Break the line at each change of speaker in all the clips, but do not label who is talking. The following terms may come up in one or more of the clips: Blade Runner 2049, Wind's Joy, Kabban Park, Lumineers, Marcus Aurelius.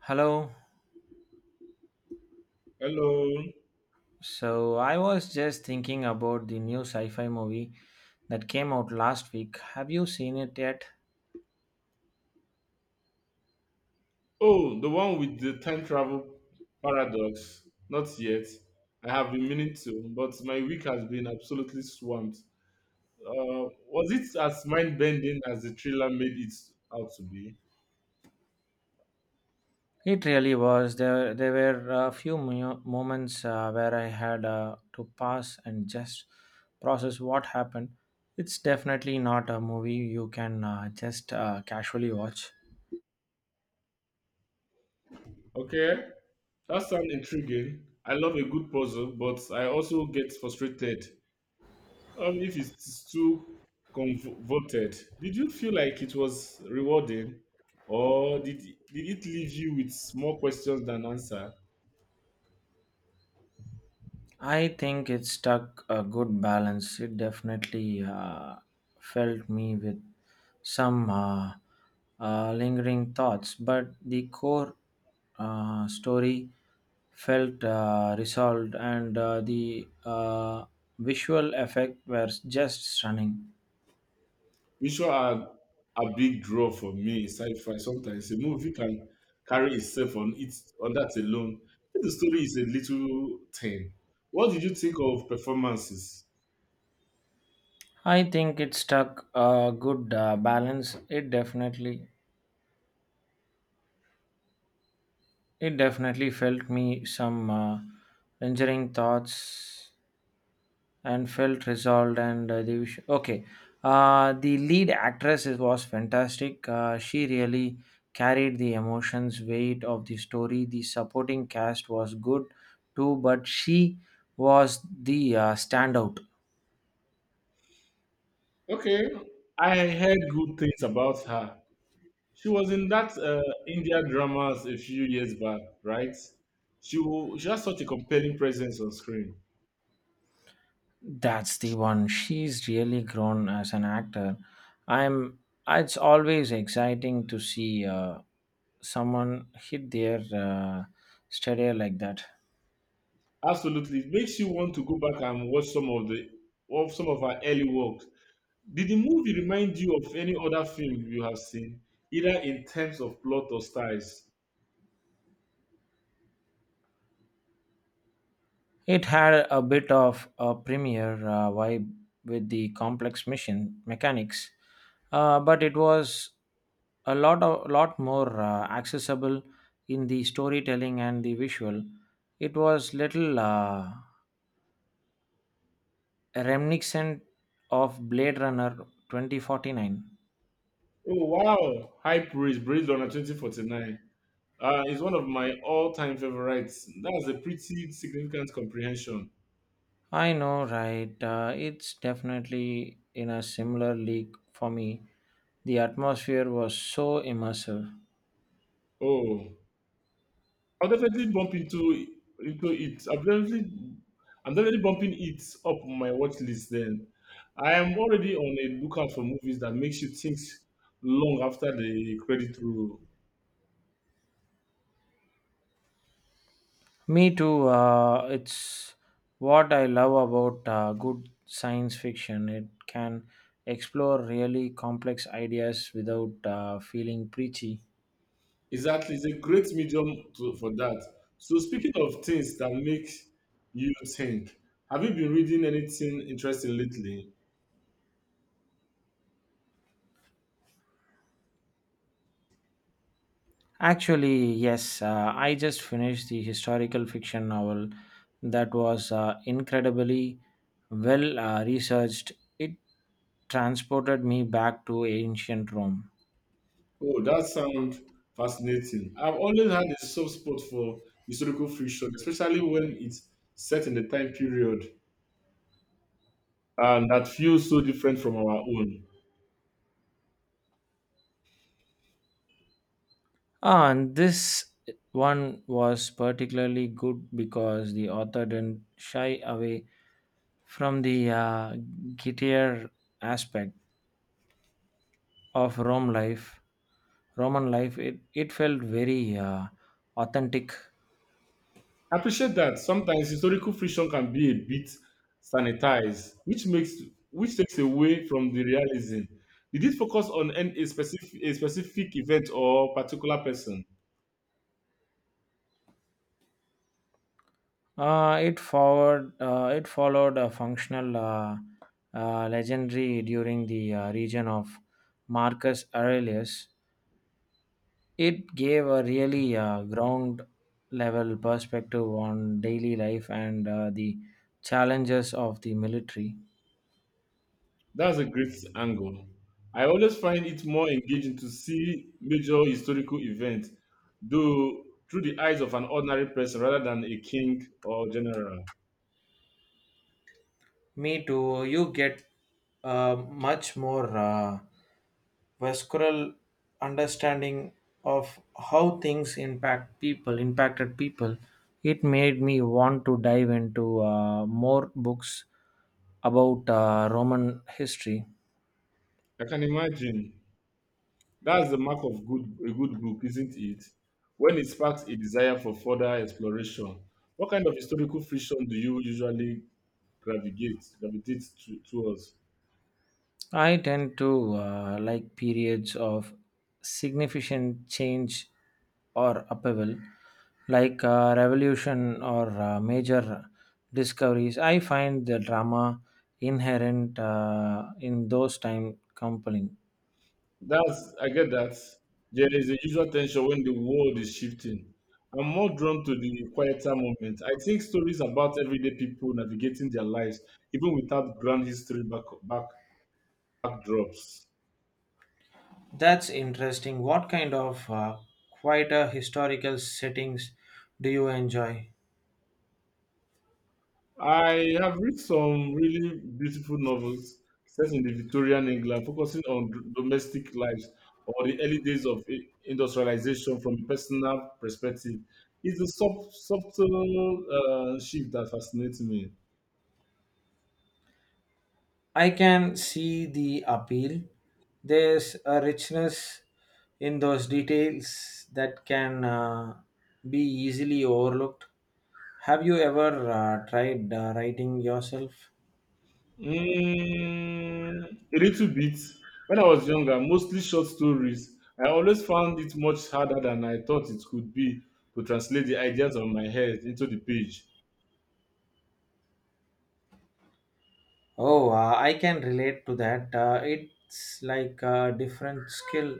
Hello.
Hello.
So I was just thinking about the new sci-fi movie that came out last week. Have you seen it yet?
Oh, the one with the time travel paradox. Not yet. I have been meaning to, but my week has been absolutely swamped. Was it as mind bending as the trailer made it out to be?
It really was. There were a few moments where I had to pause and just process what happened. It's definitely not a movie you can just casually watch.
Okay, that sounds intriguing. I love a good puzzle, but I also get frustrated if it's too convoluted. Did you feel like it was rewarding, or did it leave you with more questions than answer?
I think it stuck a good balance. It definitely felt me with some lingering thoughts, but the core story felt resolved, and the visual effect was just stunning.
Visual are a big draw for me in sci-fi. Sometimes a movie can carry itself on its on that alone. If the story is a little thin, what did you think of performances?
I think it struck a good balance. It definitely felt me some lingering thoughts and felt resolved and the okay, the lead actress is, was fantastic, she really carried the emotions weight of the story, the supporting cast was good too, but she was the standout.
Okay, I heard good things about her. She was in that India dramas a few years back, right? She has such a compelling presence on screen.
That's the one. She's really grown as an actor. I'm it's always exciting to see someone hit their stature like that.
Absolutely, it makes you want to go back and watch some of the of some of her early work. Did the movie remind you of any other film you have seen, either in terms of plot or styles?
It had a bit of a premier vibe with the complex mission mechanics, but it was lot more accessible in the storytelling and the visual. It was little reminiscent of Blade Runner 2049.
Oh wow! High praise, based on 2049, is one of my all-time favorites. That's a pretty significant comprehension.
I know, right? It's definitely in a similar league for me. The atmosphere was so immersive.
Oh, I'll definitely bump into it. I'm definitely bumping it up on my watch list. Then, I am already on a lookout for movies that makes you think long after the credit roll.
Me too. It's what I love about good science fiction. It can explore really complex ideas without feeling preachy.
Exactly, it's a great medium for that. So, speaking of things that make you think, have you been reading anything interesting lately?
Actually, yes, I just finished the historical fiction novel that was incredibly well researched. It transported me back to ancient Rome.
Oh, that sounds fascinating. I've always had a soft spot for historical fiction, especially when it's set in the time period and that feels so different from our own.
Ah, and this one was particularly good because the author didn't shy away from the grittier aspect of Roman life. It felt very authentic.
I appreciate that sometimes historical fiction can be a bit sanitized, which takes away from the realism. Did it focus on a specific event or particular person?
It followed a functional legendary during the region of Marcus Aurelius. It gave a really ground level perspective on daily life and the challenges of the military.
That's a great angle. I always find it more engaging to see major historical events, though through the eyes of an ordinary person rather than a king or general.
Me too. You get a much more visceral understanding of how things impacted people. It made me want to dive into more books about Roman history.
I can imagine. That's the mark of good a good book, isn't it? When it sparks a desire for further exploration. What kind of historical fiction do you usually gravitate towards?
I tend to like periods of significant change or upheaval, like revolution or major discoveries. I find the drama inherent in those time compelling.
That's I get that. There is a usual tension when the world is shifting. I'm more drawn to the quieter moment. I think stories about everyday people navigating their lives, even without grand history back backdrops.
That's interesting. What kind of quieter historical settings do you enjoy?
I have read some really beautiful novels set in the Victorian England, focusing on domestic lives or the early days of industrialization from a personal perspective. It's the subtle shift that fascinates me.
I can see the appeal. There's a richness in those details that can be easily overlooked. Have you ever tried writing yourself?
Mm, a little bit. When I was younger, mostly short stories. I always found it much harder than I thought it could be to translate the ideas on my head into the page.
Oh, I can relate to that. It's like a different skill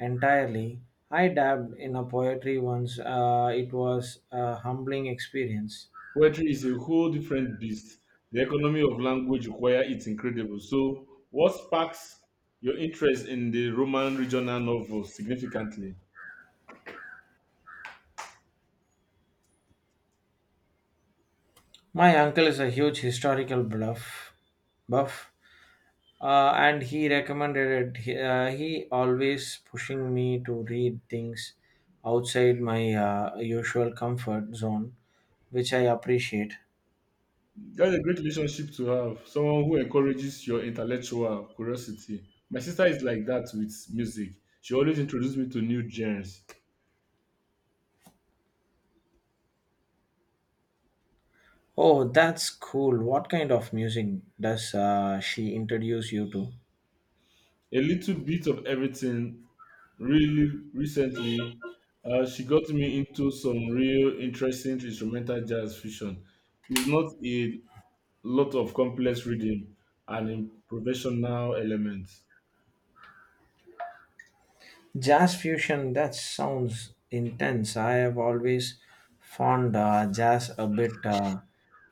entirely. I dabbed in a poetry once. It was a humbling experience.
Poetry is a whole different beast. The economy of language require it's incredible. So, what sparks your interest in the Roman regional novel significantly?
My uncle is a huge historical bluff buff, and he recommended it. He always pushing me to read things outside my usual comfort zone, which I appreciate.
That's a great relationship to have. Someone who encourages your intellectual curiosity. My sister is like that with music. She always introduces me to new genres.
Oh, that's cool. What kind of music does she introduce you to?
A little bit of everything. Really recently, she got me into some real interesting instrumental jazz fusion. It's not a lot of complex reading and improvisational elements.
Jazz fusion, that sounds intense. I have always found jazz a bit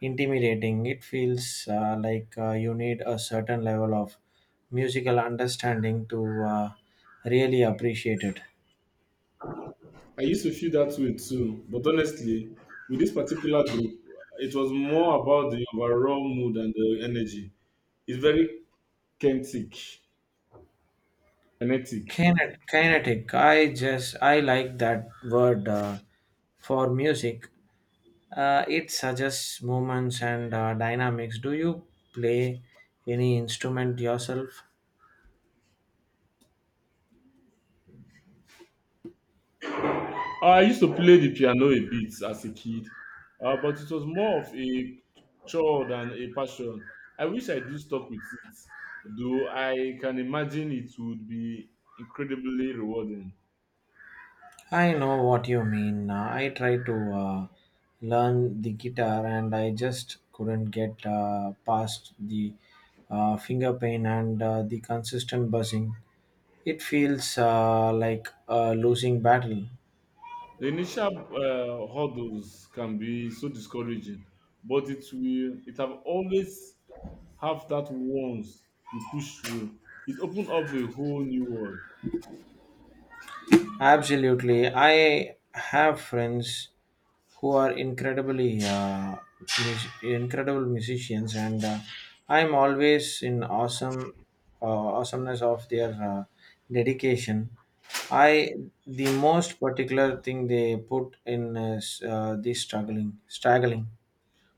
intimidating. It feels like you need a certain level of musical understanding to really appreciate it.
I used to feel that way too, but honestly, with this particular group, it was more about the overall mood and the energy. It's very kinetic. kinetic.
Kinetic, I like that word for music. It suggests movements and dynamics. Do you play any instrument yourself?
I used to play the piano a bit as a kid, but it was more of a chore than a passion. I wish I do stuck with it, though I can imagine it would be incredibly rewarding.
I know what you mean. I tried to learn the guitar, and I just couldn't get past the finger pain and the consistent buzzing. It feels like a losing battle.
The initial hurdles can be so discouraging, but it will it have always have that once you push through, it opens up a whole new world.
Absolutely. I have friends who are incredible musicians, and I'm always in awesome awesomeness of their dedication. I the most particular thing they put in is the straggling.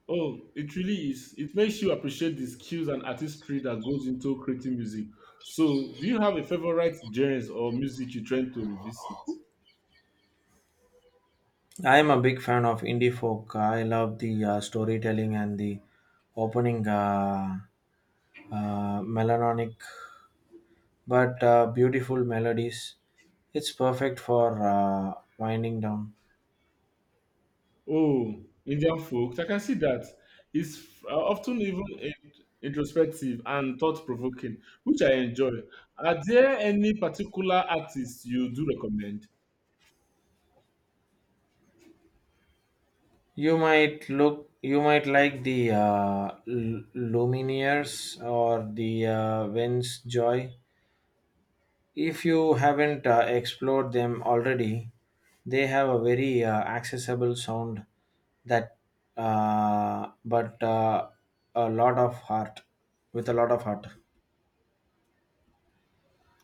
Oh, it really is. It makes you appreciate the skills and artistry that goes into creating music. So, do you have a favorite genres or music you're trying to revisit?
I am a big fan of indie folk. I love the storytelling and the opening melodic but beautiful melodies. It's perfect for winding down.
Oh, Indian folk. I can see that. It's often introspective and thought-provoking, which I enjoy. Are there any particular artists you do recommend?
You might like the Lumineers or the Wind's Joy. If you haven't explored them already, they have a very accessible sound that, but a lot of heart, with a lot of heart.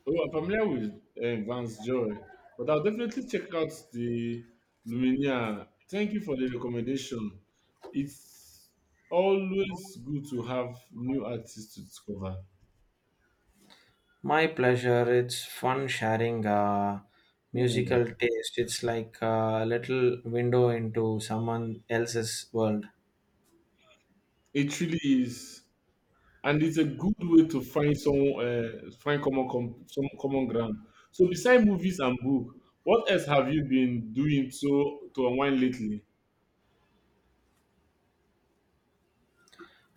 Oh, I'm familiar with Vance Joy, but I'll definitely check out the Lumineer. Thank you for the recommendation. It's always good to have new artists to discover.
My pleasure. It's fun sharing
Hmm,
musical taste. It's like a little window into someone else's world.
it truly is, and it's a good way to find some find some common ground. So, beside movies and book, what else have you been doing so to unwind lately?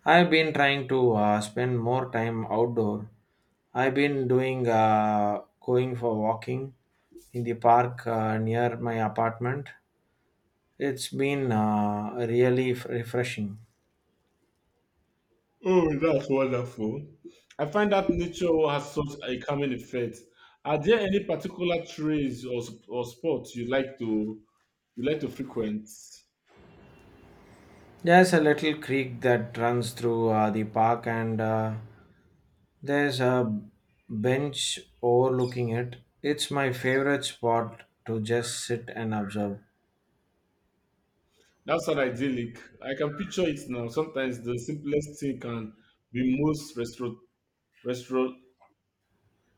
I've been trying to spend more time outdoor. I've been doing going for walking in the park near my apartment. It's been really refreshing.
Oh, that's wonderful. I find that nature has such a calming effect. Are there any particular trails or spots you like to frequent?
There's a little creek that runs through the park, and there's a bench overlooking it. It's my favorite spot to just sit and observe.
That's not idyllic. I can picture it now. Sometimes the simplest thing can be most restro-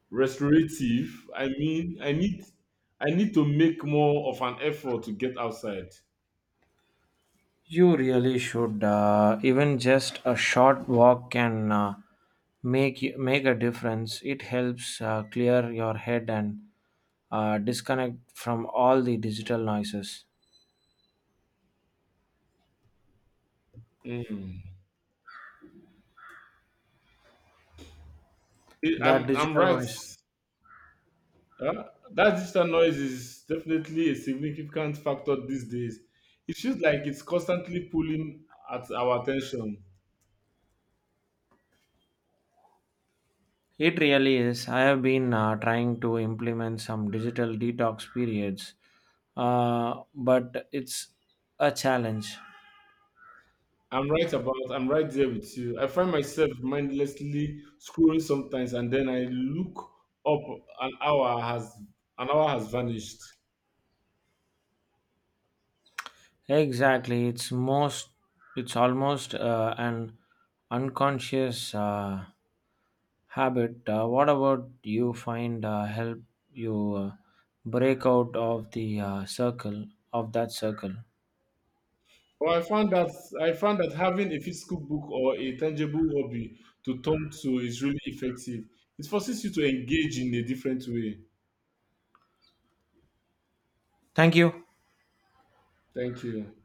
restorative. I mean, I need to make more of an effort to get outside.
You really should. Even just a short walk can make a difference. It helps clear your head and disconnect from all the digital noises.
Mm.
The
I'm
digital
right.
noise.
Huh? That digital noise is definitely a significant factor these days. It feels like it's constantly pulling at our attention.
It really is. I have been trying to implement some digital detox periods, but it's a challenge.
I'm right there with you. I find myself mindlessly scrolling sometimes, and then I look up, an hour has an hour has vanished.
Exactly, it's almost an unconscious habit. What about you find help you break out of the circle of that circle?
Well, I found that having a physical book or a tangible hobby to turn to is really effective. It forces you to engage in a different way.
Thank you.
Thank you.